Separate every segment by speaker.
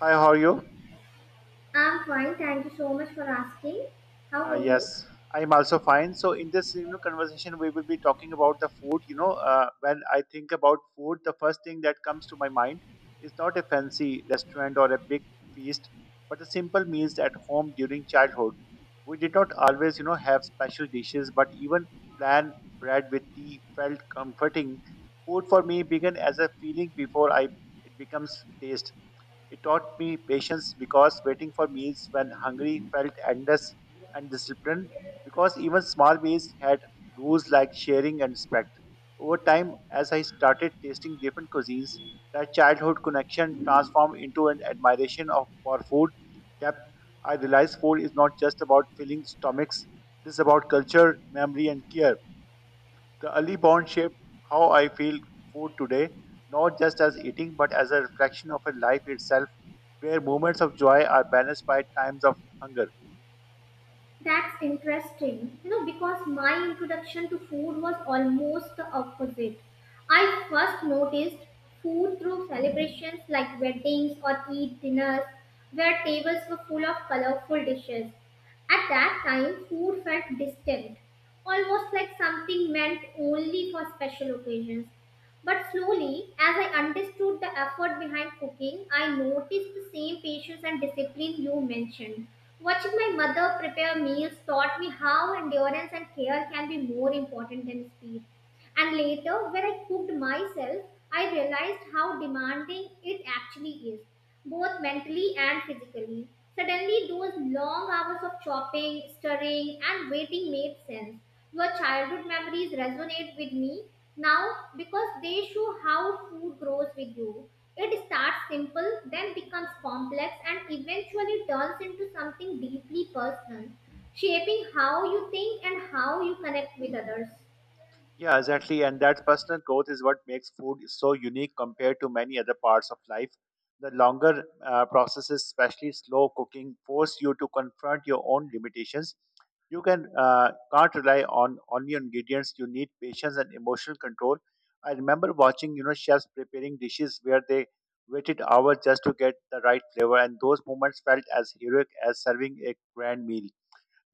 Speaker 1: Hi, how are you?
Speaker 2: I'm fine. Thank you so much for asking. How
Speaker 1: Uh,
Speaker 2: are you?
Speaker 1: yes, I'm also fine. So in this conversation, we will be talking about the food. When I think about food, the first thing that comes to my mind is not a fancy restaurant or a big feast, but the simple meals at home during childhood. We did not always have special dishes, but even plain bread with tea felt comforting. Food for me began as a feeling before I it becomes taste. It taught me patience because waiting for meals when hungry felt endless, and discipline because even small meals had rules like sharing and respect. Over time, as I started tasting different cuisines, that childhood connection transformed into an admiration of for food depth. I realized food is not just about filling stomachs, it is about culture, memory, and care. The early bond shaped how I feel food today, not just as eating, but as a reflection of a life itself, where moments of joy are balanced by times of hunger.
Speaker 2: That's interesting. You know, because my introduction to food was almost the opposite. I first noticed food through celebrations like weddings or Eid dinners, where tables were full of colorful dishes. At that time, food felt distant, almost like something meant only for special occasions. But slowly, as I understood the effort behind cooking, I noticed the same patience and discipline you mentioned. Watching my mother prepare meals taught me how endurance and care can be more important than speed. And later, when I cooked myself, I realized how demanding it actually is, both mentally and physically. Suddenly, those long hours of chopping, stirring, and waiting made sense. Your childhood memories resonate with me now because they show how food grows with you. It starts simple, then becomes complex, and eventually turns into something deeply personal, shaping how you think and how you connect with others.
Speaker 1: Yeah, exactly. And that personal growth is what makes food so unique compared to many other parts of life. The longer processes, especially slow cooking, force you to confront your own limitations. You can't rely on only on ingredients. You need patience and emotional control. I remember watching chefs preparing dishes where they waited hours just to get the right flavor, and those moments felt as heroic as serving a grand meal.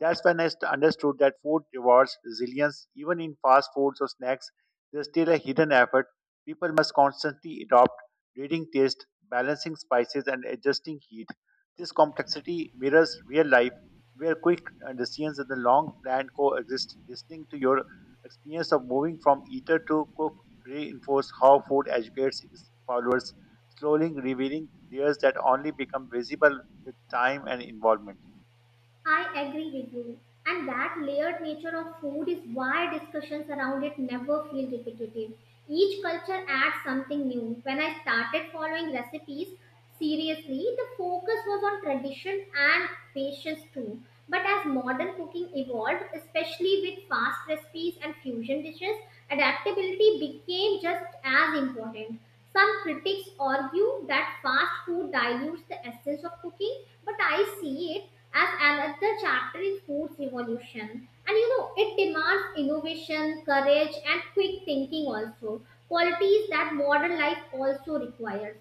Speaker 1: That's when I understood that food rewards resilience. Even in fast foods or snacks, there's still a hidden effort. People must constantly adopt, reading taste, balancing spices, and adjusting heat. This complexity mirrors real life, where quick decisions and the long plan coexist. Listening to your experience of moving from eater to cook reinforce how food educates its followers, slowly revealing layers that only become visible with time and involvement.
Speaker 2: I agree with you. And that layered nature of food is why discussions around it never feel repetitive. Each culture adds something new. When I started following recipes seriously, the focus was on tradition and patience too. But as modern cooking evolved, especially with fast recipes and fusion dishes, adaptability became just as important. Some critics argue that fast food dilutes the essence of cooking, but I see it as another chapter in food's evolution. And you know, it demands innovation, courage, and quick thinking also, qualities that modern life also requires.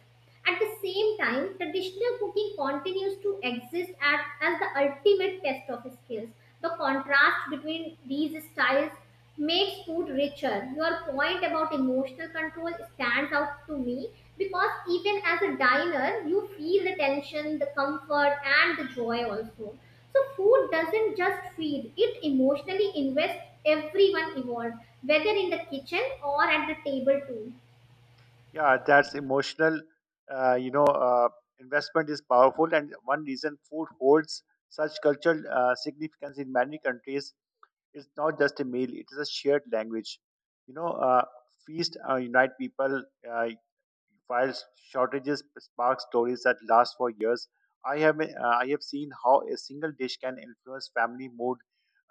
Speaker 2: At the same time, traditional cooking continues to exist as the ultimate test of skills. The contrast between these styles makes food richer. Your point about emotional control stands out to me because even as a diner, you feel the tension, the comfort, and the joy also. So, food doesn't just feed, it emotionally invests everyone involved, whether in the kitchen or at the table, too.
Speaker 1: Yeah, that's emotional. Uh, you know, uh, Investment is powerful, and one reason food holds such cultural significance in many countries is not just a meal; it is a shared language. You know, uh, Feast unite people. Uh, while shortages spark stories that last for years, I have seen how a single dish can influence family mood,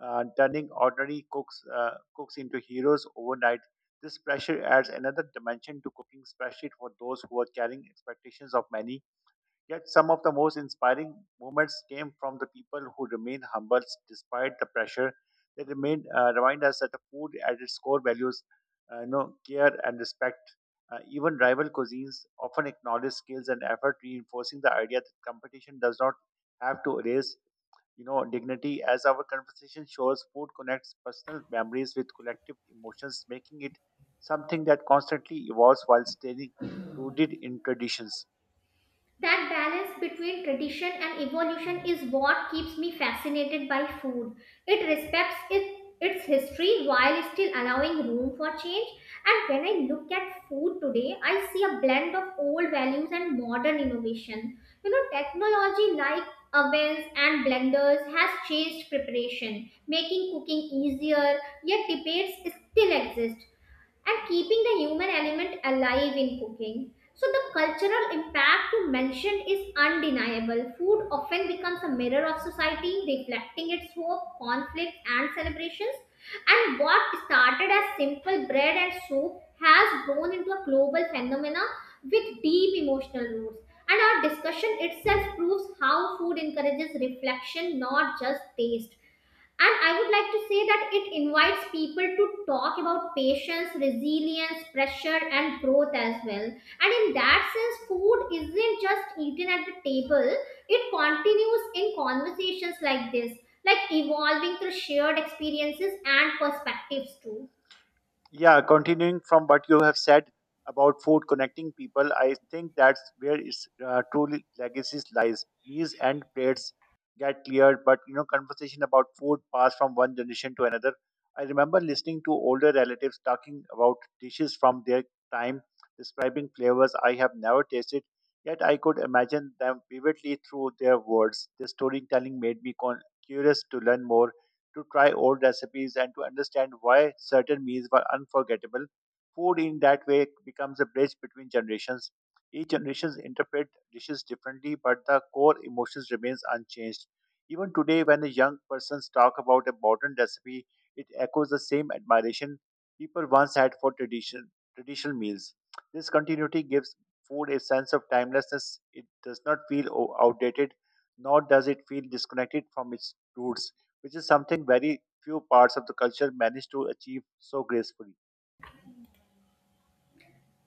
Speaker 1: turning ordinary cooks into heroes overnight. This pressure adds another dimension to cooking, especially for those who are carrying expectations of many. Yet some of the most inspiring moments came from the people who remain humble despite the pressure. They remind us that the food at its core values, care and respect. Even rival cuisines often acknowledge skills and effort, reinforcing the idea that competition does not have to erase, dignity. As our conversation shows, food connects personal memories with collective emotions, making it something that constantly evolves while staying rooted in traditions.
Speaker 2: That balance between tradition and evolution is what keeps me fascinated by food. It respects its history while still allowing room for change. And when I look at food today, I see a blend of old values and modern innovation. You know, technology like ovens and blenders has changed preparation, making cooking easier, yet debates still exist and keeping the human element alive in cooking. So, the cultural impact you mentioned is undeniable. Food often becomes a mirror of society, reflecting its hope, conflicts, and celebrations. And what started as simple bread and soup has grown into a global phenomena with deep emotional roots. And our discussion itself proves how food encourages reflection, not just taste. And I would like to say that it invites people to talk about patience, resilience, pressure, and growth as well. And in that sense, food isn't just eaten at the table, it continues in conversations like this, like evolving through shared experiences and perspectives too.
Speaker 1: Yeah, continuing from what you have said about food connecting people, I think that's where its true legacy lies. Meals and plates get cleared, but conversation about food passed from one generation to another. I remember listening to older relatives talking about dishes from their time, describing flavors I have never tasted, yet I could imagine them vividly through their words. The storytelling made me curious to learn more, to try old recipes and to understand why certain meals were unforgettable. Food in that way becomes a bridge between generations. Each generation interprets dishes differently, but the core emotions remains unchanged. Even today, when a young person talk about a modern recipe, it echoes the same admiration people once had for tradition, traditional meals. This continuity gives food a sense of timelessness. It does not feel outdated, nor does it feel disconnected from its roots, which is something very few parts of the culture manage to achieve so gracefully.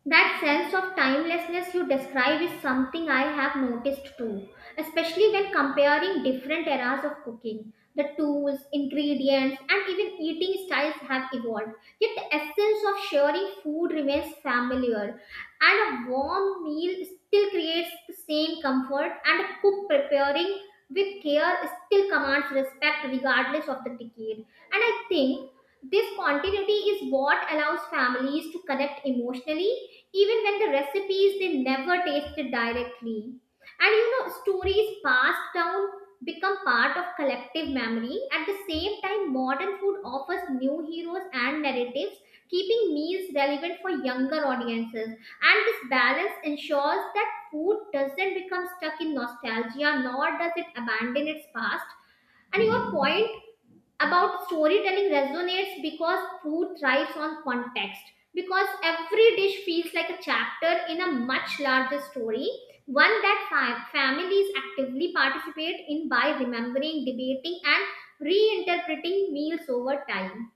Speaker 2: That sense of timelessness you describe is something I have noticed too, especially when comparing different eras of cooking. The tools, ingredients, and even eating styles have evolved, yet the essence of sharing food remains familiar, and a warm meal still creates the same comfort, and a cook preparing with care still commands respect regardless of the decade. And I think this continuity is what allows families to connect emotionally even when the recipes they never tasted directly. And you know, stories passed down become part of collective memory. At the same time, modern food offers new heroes and narratives, keeping meals relevant for younger audiences. And this balance ensures that food doesn't become stuck in nostalgia, nor does it abandon its past. And your point about storytelling resonates because food thrives on context because every dish feels like a chapter in a much larger story, one that families actively participate in by remembering, debating, and reinterpreting meals over time.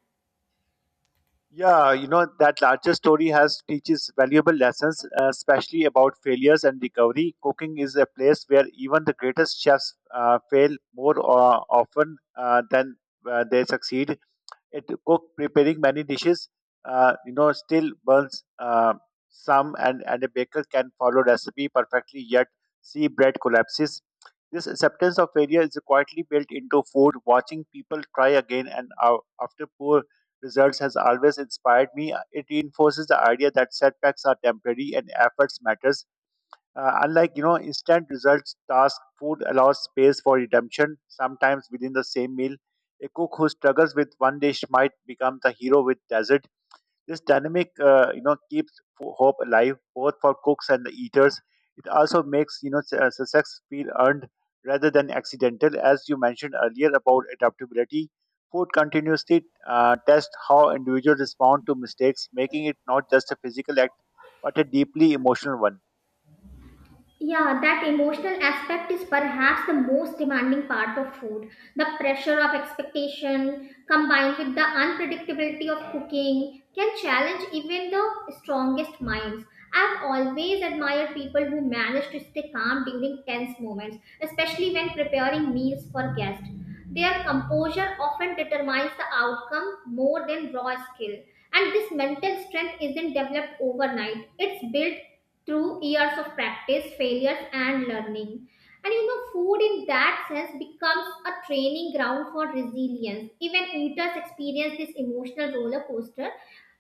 Speaker 1: Yeah, you know that larger story has teaches valuable lessons, especially about failures and recovery. Cooking is a place where even the greatest chefs fail more often than they succeed. It cook preparing many dishes still burns some, and a baker can follow recipe perfectly yet see bread collapses. This acceptance of failure is quietly built into food. Watching people try again after poor results has always inspired me. It reinforces the idea that setbacks are temporary and efforts matters. Unlike instant results task, food allows space for redemption. Sometimes within the same meal, a cook who struggles with one dish might become the hero with dessert. This dynamic keeps hope alive both for cooks and the eaters. It also makes success feel earned rather than accidental. As you mentioned earlier about adaptability, food continuously tests how individuals respond to mistakes, making it not just a physical act but a deeply emotional one.
Speaker 2: Yeah, that emotional aspect is perhaps the most demanding part of food. The pressure of expectation combined with the unpredictability of cooking can challenge even the strongest minds. I've always admired people who manage to stay calm during tense moments, especially when preparing meals for guests. Their composure often determines the outcome more than raw skill. And this mental strength isn't developed overnight, it's built through years of practice, failures, and learning. And you know, food in that sense becomes a training ground for resilience. Even eaters experience this emotional roller coaster,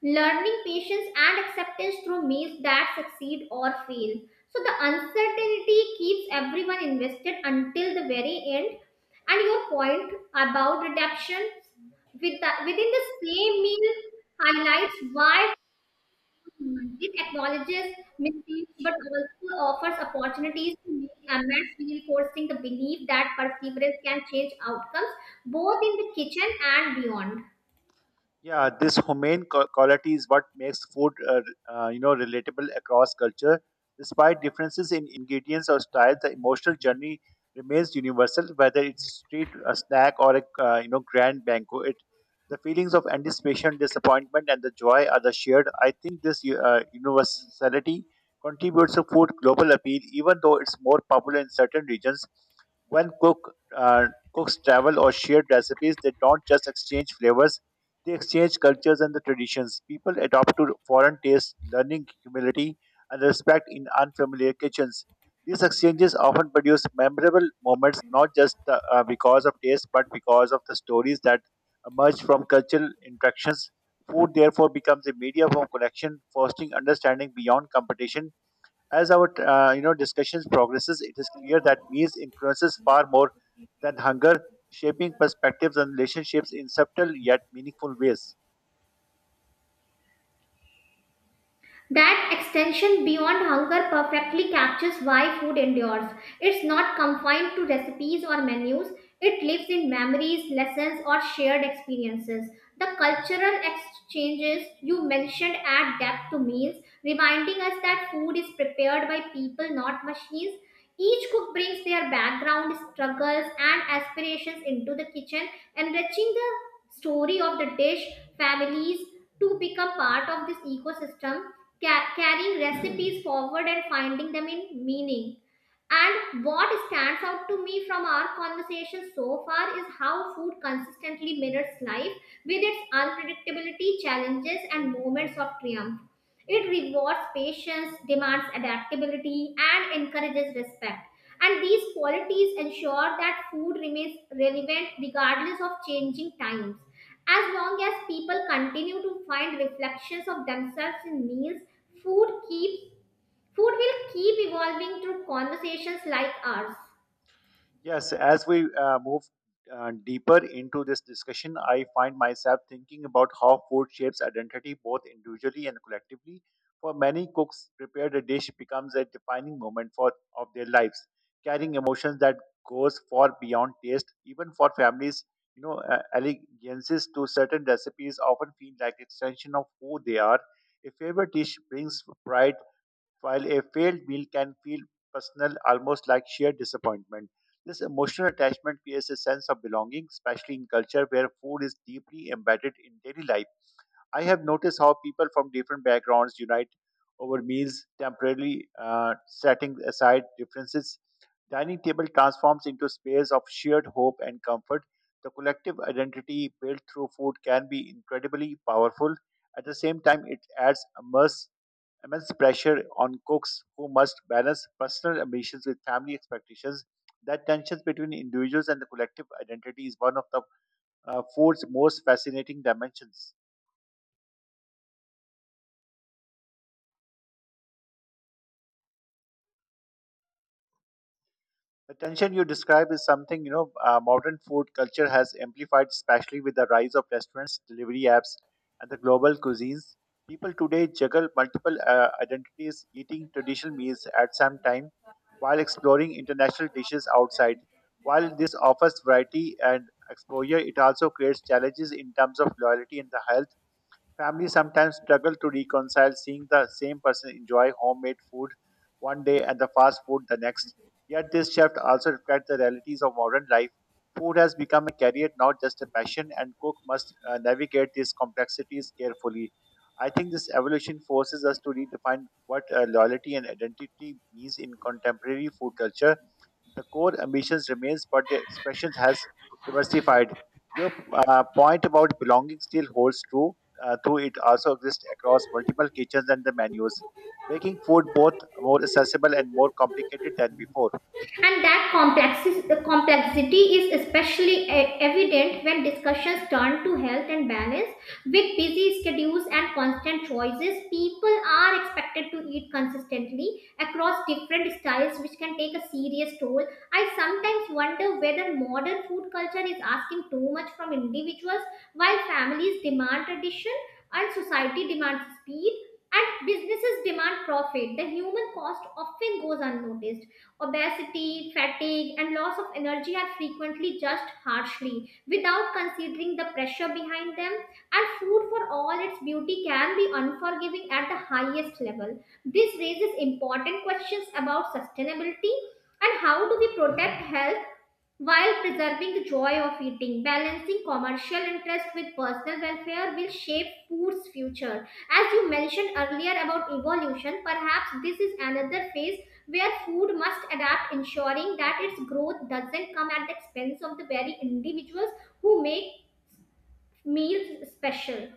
Speaker 2: learning patience and acceptance through meals that succeed or fail. So the uncertainty keeps everyone invested until the very end. And your point about adaptation within the same meal highlights why. Mm, it acknowledges mistakes but also offers opportunities to make amends, reinforcing the belief that perseverance can change outcomes both in the kitchen and beyond.
Speaker 1: Yeah, this humane quality is what makes food, relatable across culture. Despite differences in ingredients or style, the emotional journey remains universal. Whether it's street a snack or a grand banquet, the feelings of anticipation, disappointment, and the joy are the shared. I think this universality contributes to food global appeal, even though it's more popular in certain regions. When cooks travel or share recipes, they don't just exchange flavors, they exchange cultures and the traditions. People adopt to foreign tastes, learning humility and respect in unfamiliar kitchens. These exchanges often produce memorable moments, not just because of taste, but because of the stories that emerge from cultural interactions. Food therefore becomes a medium of connection, fostering understanding beyond competition. As our discussions progresses, it is clear that means influences far more than hunger, shaping perspectives and relationships in subtle yet meaningful ways.
Speaker 2: That extension beyond hunger perfectly captures why food endures. It's not confined to recipes or menus, it lives in memories, lessons, or shared experiences. The cultural exchanges you mentioned add depth to meals, reminding us that food is prepared by people, not machines. Each cook brings their background, struggles, and aspirations into the kitchen, enriching the story of the dish, families, to become part of this ecosystem, carrying recipes forward and finding them in meaning. And what stands out to me from our conversation so far is how food consistently mirrors life with its unpredictability, challenges, and moments of triumph. It rewards patience, demands adaptability, and encourages respect. And these qualities ensure that food remains relevant regardless of changing times. As long as people continue to find reflections of themselves in meals, food keeps food will keep evolving through conversations like ours.
Speaker 1: Yes, as we move deeper into this discussion, I find myself thinking about how food shapes identity both individually and collectively. For many cooks, prepared a dish becomes a defining moment for of their lives, carrying emotions that goes far beyond taste. Even for families, allegiances to certain recipes often feel like extension of who they are. A favorite dish brings pride, while a failed meal can feel personal, almost like sheer disappointment. This emotional attachment creates a sense of belonging, especially in culture where food is deeply embedded in daily life. I have noticed how people from different backgrounds unite over meals, temporarily setting aside differences. Dining table transforms into a space of shared hope and comfort. The collective identity built through food can be incredibly powerful. At the same time, it adds immense pressure on cooks who must balance personal ambitions with family expectations. That tension between individuals and the collective identity is one of the food's most fascinating dimensions. The tension you describe is something modern food culture has amplified, especially with the rise of restaurants, delivery apps, and the global cuisines. People today juggle multiple identities, eating traditional meals at some time while exploring international dishes outside. While this offers variety and exposure, it also creates challenges in terms of loyalty and the health. Families sometimes struggle to reconcile seeing the same person enjoy homemade food one day and the fast food the next. Yet this shift also reflects the realities of modern life. Food has become a career, not just a passion, and cook must navigate these complexities carefully. I think this evolution forces us to redefine what loyalty and identity means in contemporary food culture. The core ambitions remains, but the expression has diversified. Your point about belonging still holds true, though it also exists across multiple kitchens and the menus, making food both more accessible and more complicated than before.
Speaker 2: And that complexi- the complexity is especially evident when discussions turn to health and balance. With busy schedules and constant choices, people are expected to eat consistently across different styles, which can take a serious toll. I sometimes wonder whether modern food culture is asking too much from individuals while families demand tradition and society demands speed and businesses demand profit. The human cost often goes unnoticed. Obesity, fatigue, and loss of energy are frequently judged harshly without considering the pressure behind them. And food, for all its beauty, can be unforgiving at the highest level. This raises important questions about sustainability and how do we protect health while preserving the joy of eating. Balancing commercial interest with personal welfare will shape food's future. As you mentioned earlier about evolution, perhaps this is another phase where food must adapt, ensuring that its growth doesn't come at the expense of the very individuals who make meals special.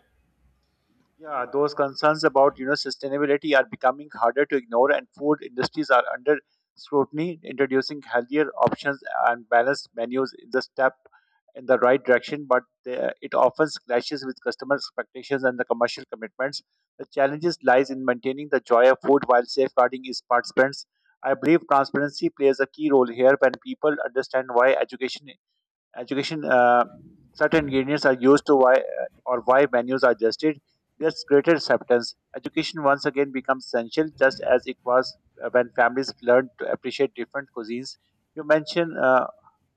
Speaker 1: Yeah, those concerns about sustainability are becoming harder to ignore, and food industries are under scrutiny. Introducing healthier options and balanced menus is a step in the right direction, but the, it often clashes with customer expectations and the commercial commitments. The challenges lies in maintaining the joy of food while safeguarding its participants. I believe transparency plays a key role here. When people understand why education certain ingredients are used to why or why menus are adjusted, there's greater acceptance. Education once again becomes essential, just as it was when families learned to appreciate different cuisines you mentioned uh,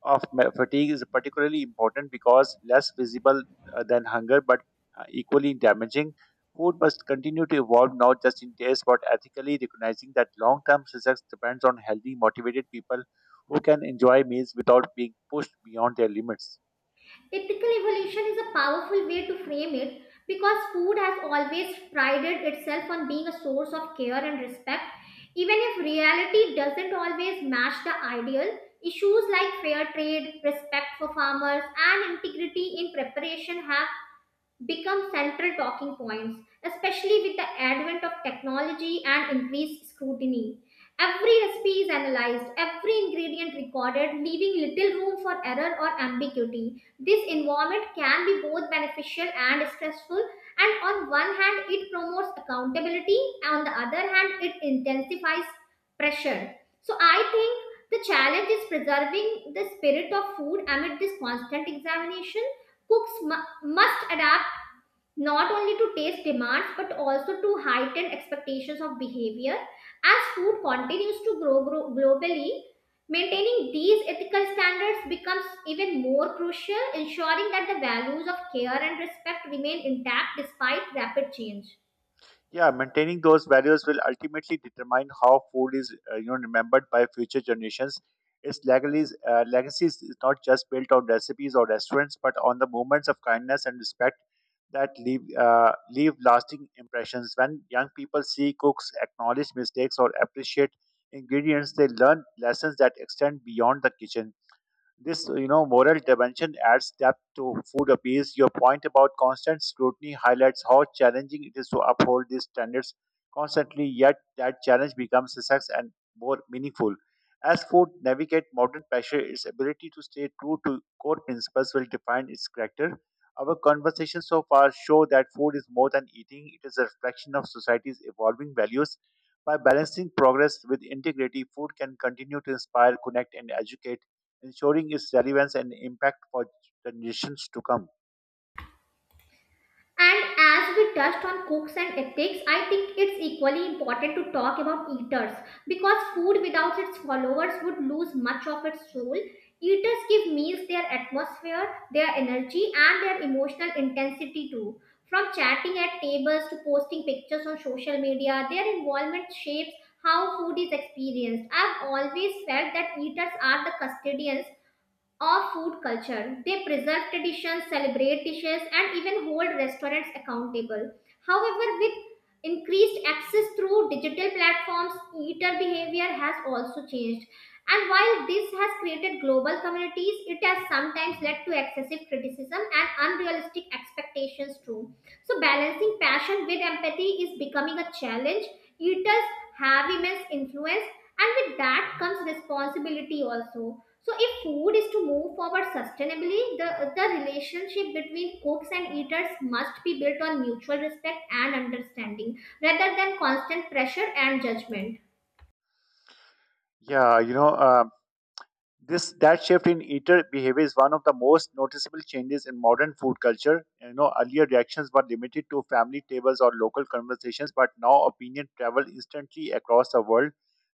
Speaker 1: of ma- fatigue is particularly important because less visible than hunger but equally damaging. Food must continue to evolve, not just in taste but ethically, recognizing that long term success depends on healthy, motivated people who can enjoy meals without being pushed beyond their limits.
Speaker 2: Ethical evolution is a powerful way to frame it because food has always prided itself on being a source of care and respect. Even if reality doesn't always match the ideal, issues like fair trade, respect for farmers, and integrity in preparation have become central talking points, especially with the advent of technology and increased scrutiny. Every recipe is analyzed, every ingredient recorded, leaving little room for error or ambiguity. This environment can be both beneficial and stressful, and on one hand, it promotes accountability, and on the other hand, it intensifies pressure. So, I think the challenge is preserving the spirit of food amid this constant examination. Cooks must adapt not only to taste demands but also to heightened expectations of behavior. As food continues to grow globally, maintaining these ethical standards becomes even more crucial, ensuring that the values of care and respect remain intact despite rapid change.
Speaker 1: Yeah, maintaining those values will ultimately determine how food is, remembered by future generations. Its legacies, legacies is not just built on recipes or restaurants, but on the moments of kindness and respect that leave lasting impressions. When young people see cooks acknowledge mistakes or appreciate ingredients, they learn lessons that extend beyond the kitchen. This, moral dimension adds depth to food appeals. Your point about constant scrutiny highlights how challenging it is to uphold these standards constantly, yet that challenge becomes success and more meaningful. As food navigate modern pressure, its ability to stay true to core principles will define its character. Our conversations so far show that food is more than eating, it is a reflection of society's evolving values. By balancing progress with integrity, food can continue to inspire, connect, and educate ensuring its relevance and impact for generations to come.
Speaker 2: And as we touched on cooks and ethics, I think it's equally important to talk about eaters because food without its followers would lose much of its soul. Eaters give meals their atmosphere, their energy, and their emotional intensity too. From chatting at tables to posting pictures on social media, their involvement shapes how food is experienced. I've always felt that eaters are the custodians of food culture. They preserve traditions, celebrate dishes, and even hold restaurants accountable. However, with increased access through digital platforms, eater behavior has also changed. And while this has created global communities, it has sometimes led to excessive criticism and unrealistic expectations, too. So, balancing passion with empathy is becoming a challenge. Eaters have immense influence, and with that comes responsibility also. So, if food is to move forward sustainably, the relationship between cooks and eaters must be built on mutual respect and understanding rather than constant pressure and judgment.
Speaker 1: Yeah, you know, this that shift in eater behavior is one of the most noticeable changes in modern food culture. Earlier reactions were limited to family tables or local conversations, but now opinion travel instantly across the world.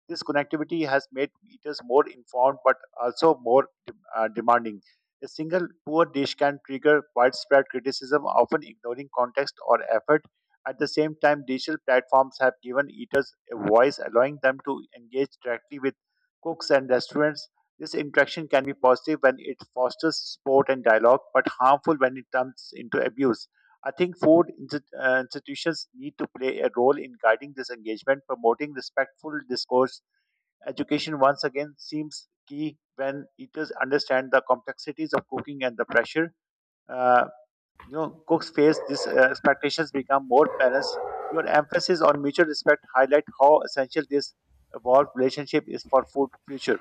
Speaker 1: This connectivity has made eaters more informed but also more demanding. A single poor dish can trigger widespread criticism, often ignoring context or effort. At the same time, digital platforms have given eaters a voice, allowing them to engage directly with cooks and restaurants. This interaction can be positive when it fosters support and dialogue, but harmful when it turns into abuse. I think food institutions need to play a role in guiding this engagement, promoting respectful discourse. Education, once again, seems key when eaters understand the complexities of cooking and the pressure. Uh, Cooks face these expectations become more balanced. Your emphasis on mutual respect highlight how essential this evolved relationship is for food future.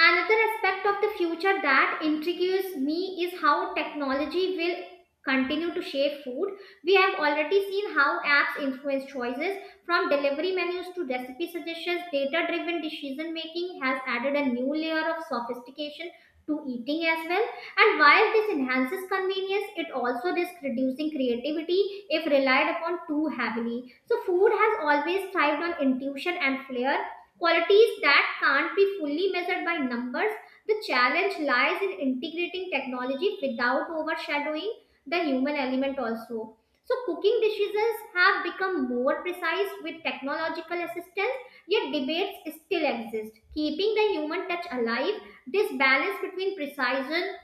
Speaker 2: Another aspect of the future that intrigues me is how technology will continue to shape food. We have already seen how apps influence choices, from delivery menus to recipe suggestions. Data driven decision making has added a new layer of sophistication to eating as well. And while this enhances convenience, it also risks reducing creativity if relied upon too heavily. So, food has always thrived on intuition and flair, qualities that can't be fully measured by numbers. The challenge lies in integrating technology without overshadowing the human element also. So, cooking decisions have become more precise with technological assistance, yet debates still exist, keeping the human touch alive. This balance between precision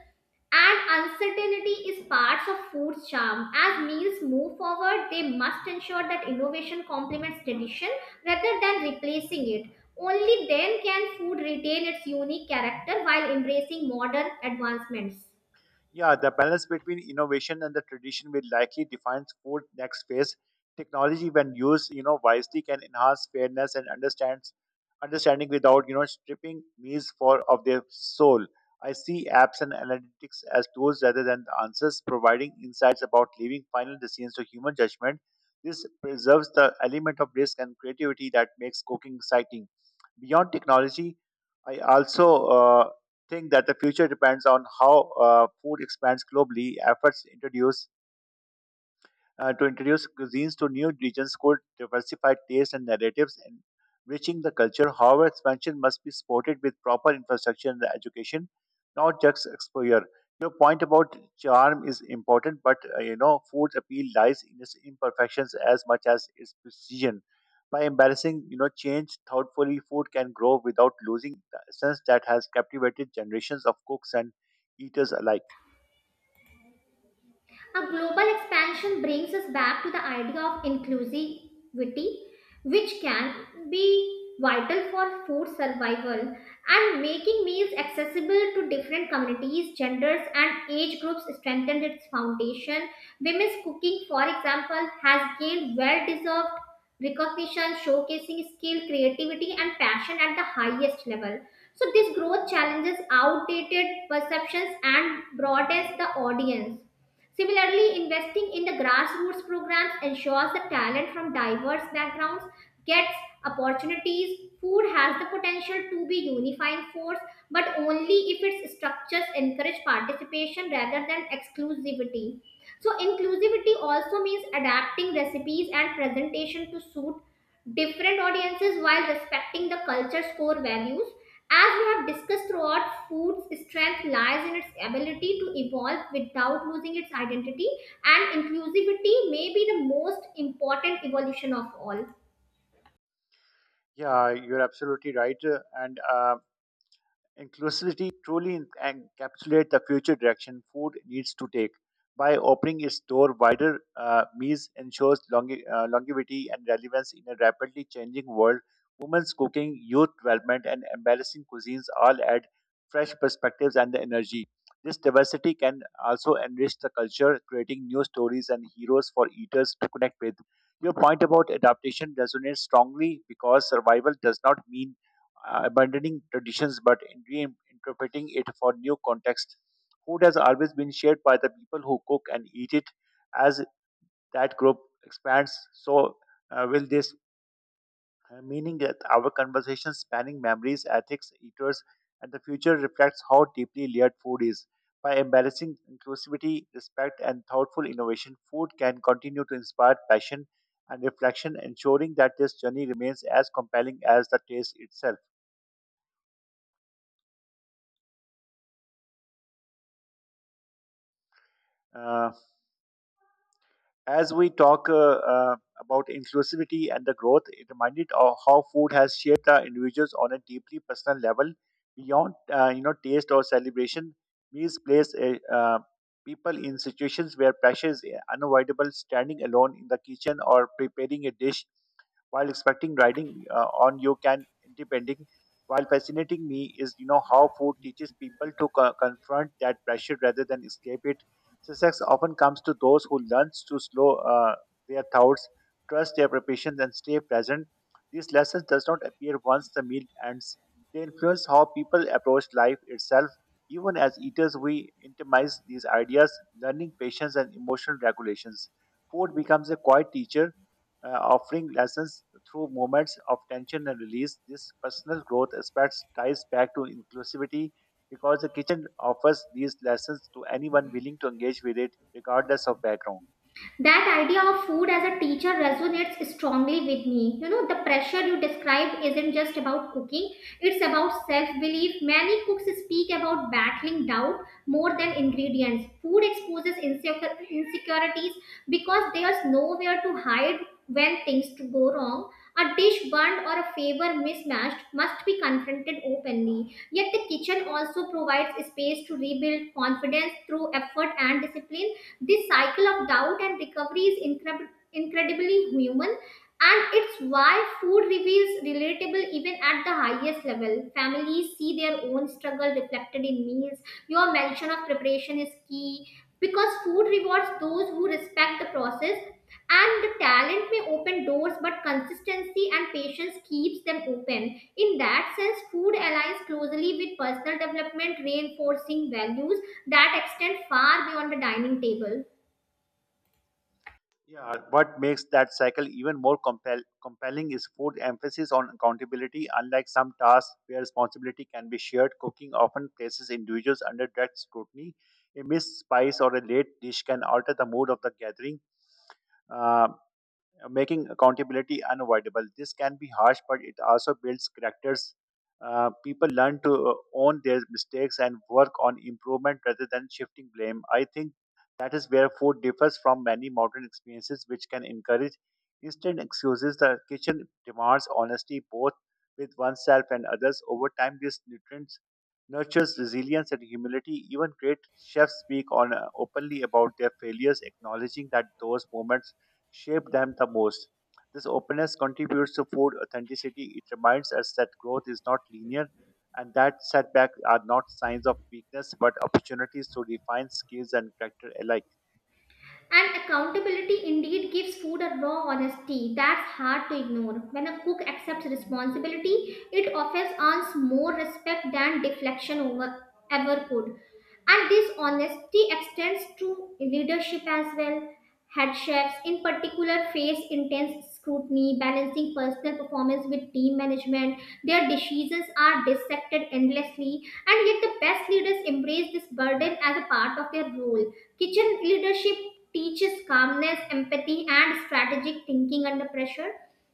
Speaker 2: and uncertainty is parts of food's charm. As meals move forward, they must ensure that innovation complements tradition rather than replacing it. Only then can food retain its unique character while embracing modern advancements.
Speaker 1: Yeah, the balance between innovation and the tradition will likely define food next phase. Technology, when used, wisely, can enhance fairness and understands understanding without, stripping meals for of their soul. I see apps and analytics as tools rather than the answers, providing insights about leaving final decisions to human judgment. This preserves the element of risk and creativity that makes cooking exciting. Beyond technology, I also think that the future depends on how food expands globally. Efforts introduce uh, to introduce cuisines to new regions could diversify tastes and narratives and enriching the culture. However, expansion must be supported with proper infrastructure and education, not just exposure. Your point about charm is important, but food's appeal lies in its imperfections as much as its precision. By embarrassing, change thoughtfully, food can grow without losing the essence that has captivated generations of cooks and eaters alike.
Speaker 2: A global expansion brings us back to the idea of inclusivity, which can be vital for food survival, and making meals accessible to different communities, genders, and age groups strengthened its foundation. Women's cooking, for example, has gained well deserved recognition, showcasing skill, creativity, and passion at the highest level. So, this growth challenges outdated perceptions and broadens the audience. Similarly, investing in the grassroots programs ensures that talent from diverse backgrounds gets opportunities. Food has the potential to be unifying force, but only if its structures encourage participation rather than exclusivity. So inclusivity also means adapting recipes and presentation to suit different audiences while respecting the culture's core values. As we have discussed throughout, food's strength lies in its ability to evolve without losing its identity, and inclusivity may be the most important evolution of all.
Speaker 1: Yeah, you're absolutely right. And Inclusivity truly encapsulates the future direction food needs to take. By opening its door wider, Mies ensures longevity and relevance in a rapidly changing world. Women's cooking, youth development, and embarrassing cuisines all add fresh perspectives and energy. This diversity can also enrich the culture, creating new stories and heroes for eaters to connect with. Your point about adaptation resonates strongly because survival does not mean abandoning traditions but interpreting it for new context. Food has always been shared by the people who cook and eat it. As that group expands, so will this, meaning that our conversation spanning memories, ethics, eaters, and the future reflects how deeply layered food is. By embracing inclusivity, respect, and thoughtful innovation, food can continue to inspire passion and reflection, ensuring that this journey remains as compelling as the taste itself. Uh, as we talk about inclusivity and the growth, it reminded of how food has shaped our individuals on a deeply personal level beyond taste or celebration. Meals place people in situations where pressure is unavoidable. Standing alone in the kitchen or preparing a dish while expecting riding on you can depending. While fascinating me is how food teaches people to confront that pressure rather than escape it. Success often comes to those who learn to slow their thoughts, trust their preparations, and stay present. These lessons does not appear once the meal ends. They influence how people approach life itself. Even as eaters, we internalize these ideas, learning patience and emotional regulations. Food becomes a quiet teacher, offering lessons through moments of tension and release. This personal growth aspect ties back to inclusivity because the kitchen offers these lessons to anyone willing to engage with it, regardless of background.
Speaker 2: That idea of food as a teacher resonates strongly with me. You know, the pressure you describe isn't just about cooking, it's about self belief. Many cooks speak about battling doubt more than ingredients. Food exposes insecurities because there's nowhere to hide when things to go wrong. A dish burned or a favor mismatched must be confronted openly, yet the kitchen also provides space to rebuild confidence through effort and discipline. This cycle of doubt and recovery is incredibly human, and it's why food review is relatable even at the highest level. Families see their own struggle reflected in meals. Your mention of preparation is key because food rewards those who respect the process. And the talent may open doors, but consistency and patience keeps them open. In that sense, food aligns closely with personal development, reinforcing values that extend far beyond the dining table.
Speaker 1: Yeah, what makes that cycle even more compelling is food emphasis on accountability. Unlike some tasks where responsibility can be shared, cooking often places individuals under direct scrutiny. A missed spice or a late dish can alter the mood of the gathering, uh, making accountability unavoidable. This can be harsh, but it also builds characters. People learn to own their mistakes and work on improvement rather than shifting blame. I think that is where food differs from many modern experiences, which can encourage instant excuses. The kitchen demands honesty both with oneself and others. Over time, this nutrients nurtures resilience and humility. Even great chefs speak on openly about their failures, acknowledging that those moments shape them the most. This openness contributes to food authenticity. It reminds us that growth is not linear and that setbacks are not signs of weakness but opportunities to refine skills and character alike.
Speaker 2: And accountability indeed gives food a raw honesty that's hard to ignore. When a cook accepts responsibility, it often earns more respect than ever could. And this honesty extends to leadership as well. Head chefs, in particular, face intense scrutiny, balancing personal performance with team management. Their decisions are dissected endlessly, and yet the best leaders embrace this burden as a part of their role. Kitchen leadership teaches calmness, empathy, and strategic thinking under pressure.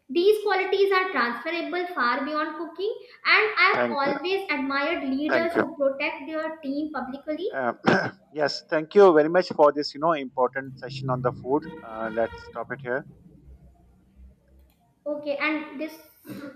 Speaker 2: These qualities are transferable far beyond cooking, and I've
Speaker 1: Thank you.
Speaker 2: always admired leaders
Speaker 1: Thank
Speaker 2: who
Speaker 1: you.
Speaker 2: protect their team publicly.
Speaker 1: Um, yes, thank you very much for this, important session on the food. Let's stop it here.
Speaker 2: Okay, and this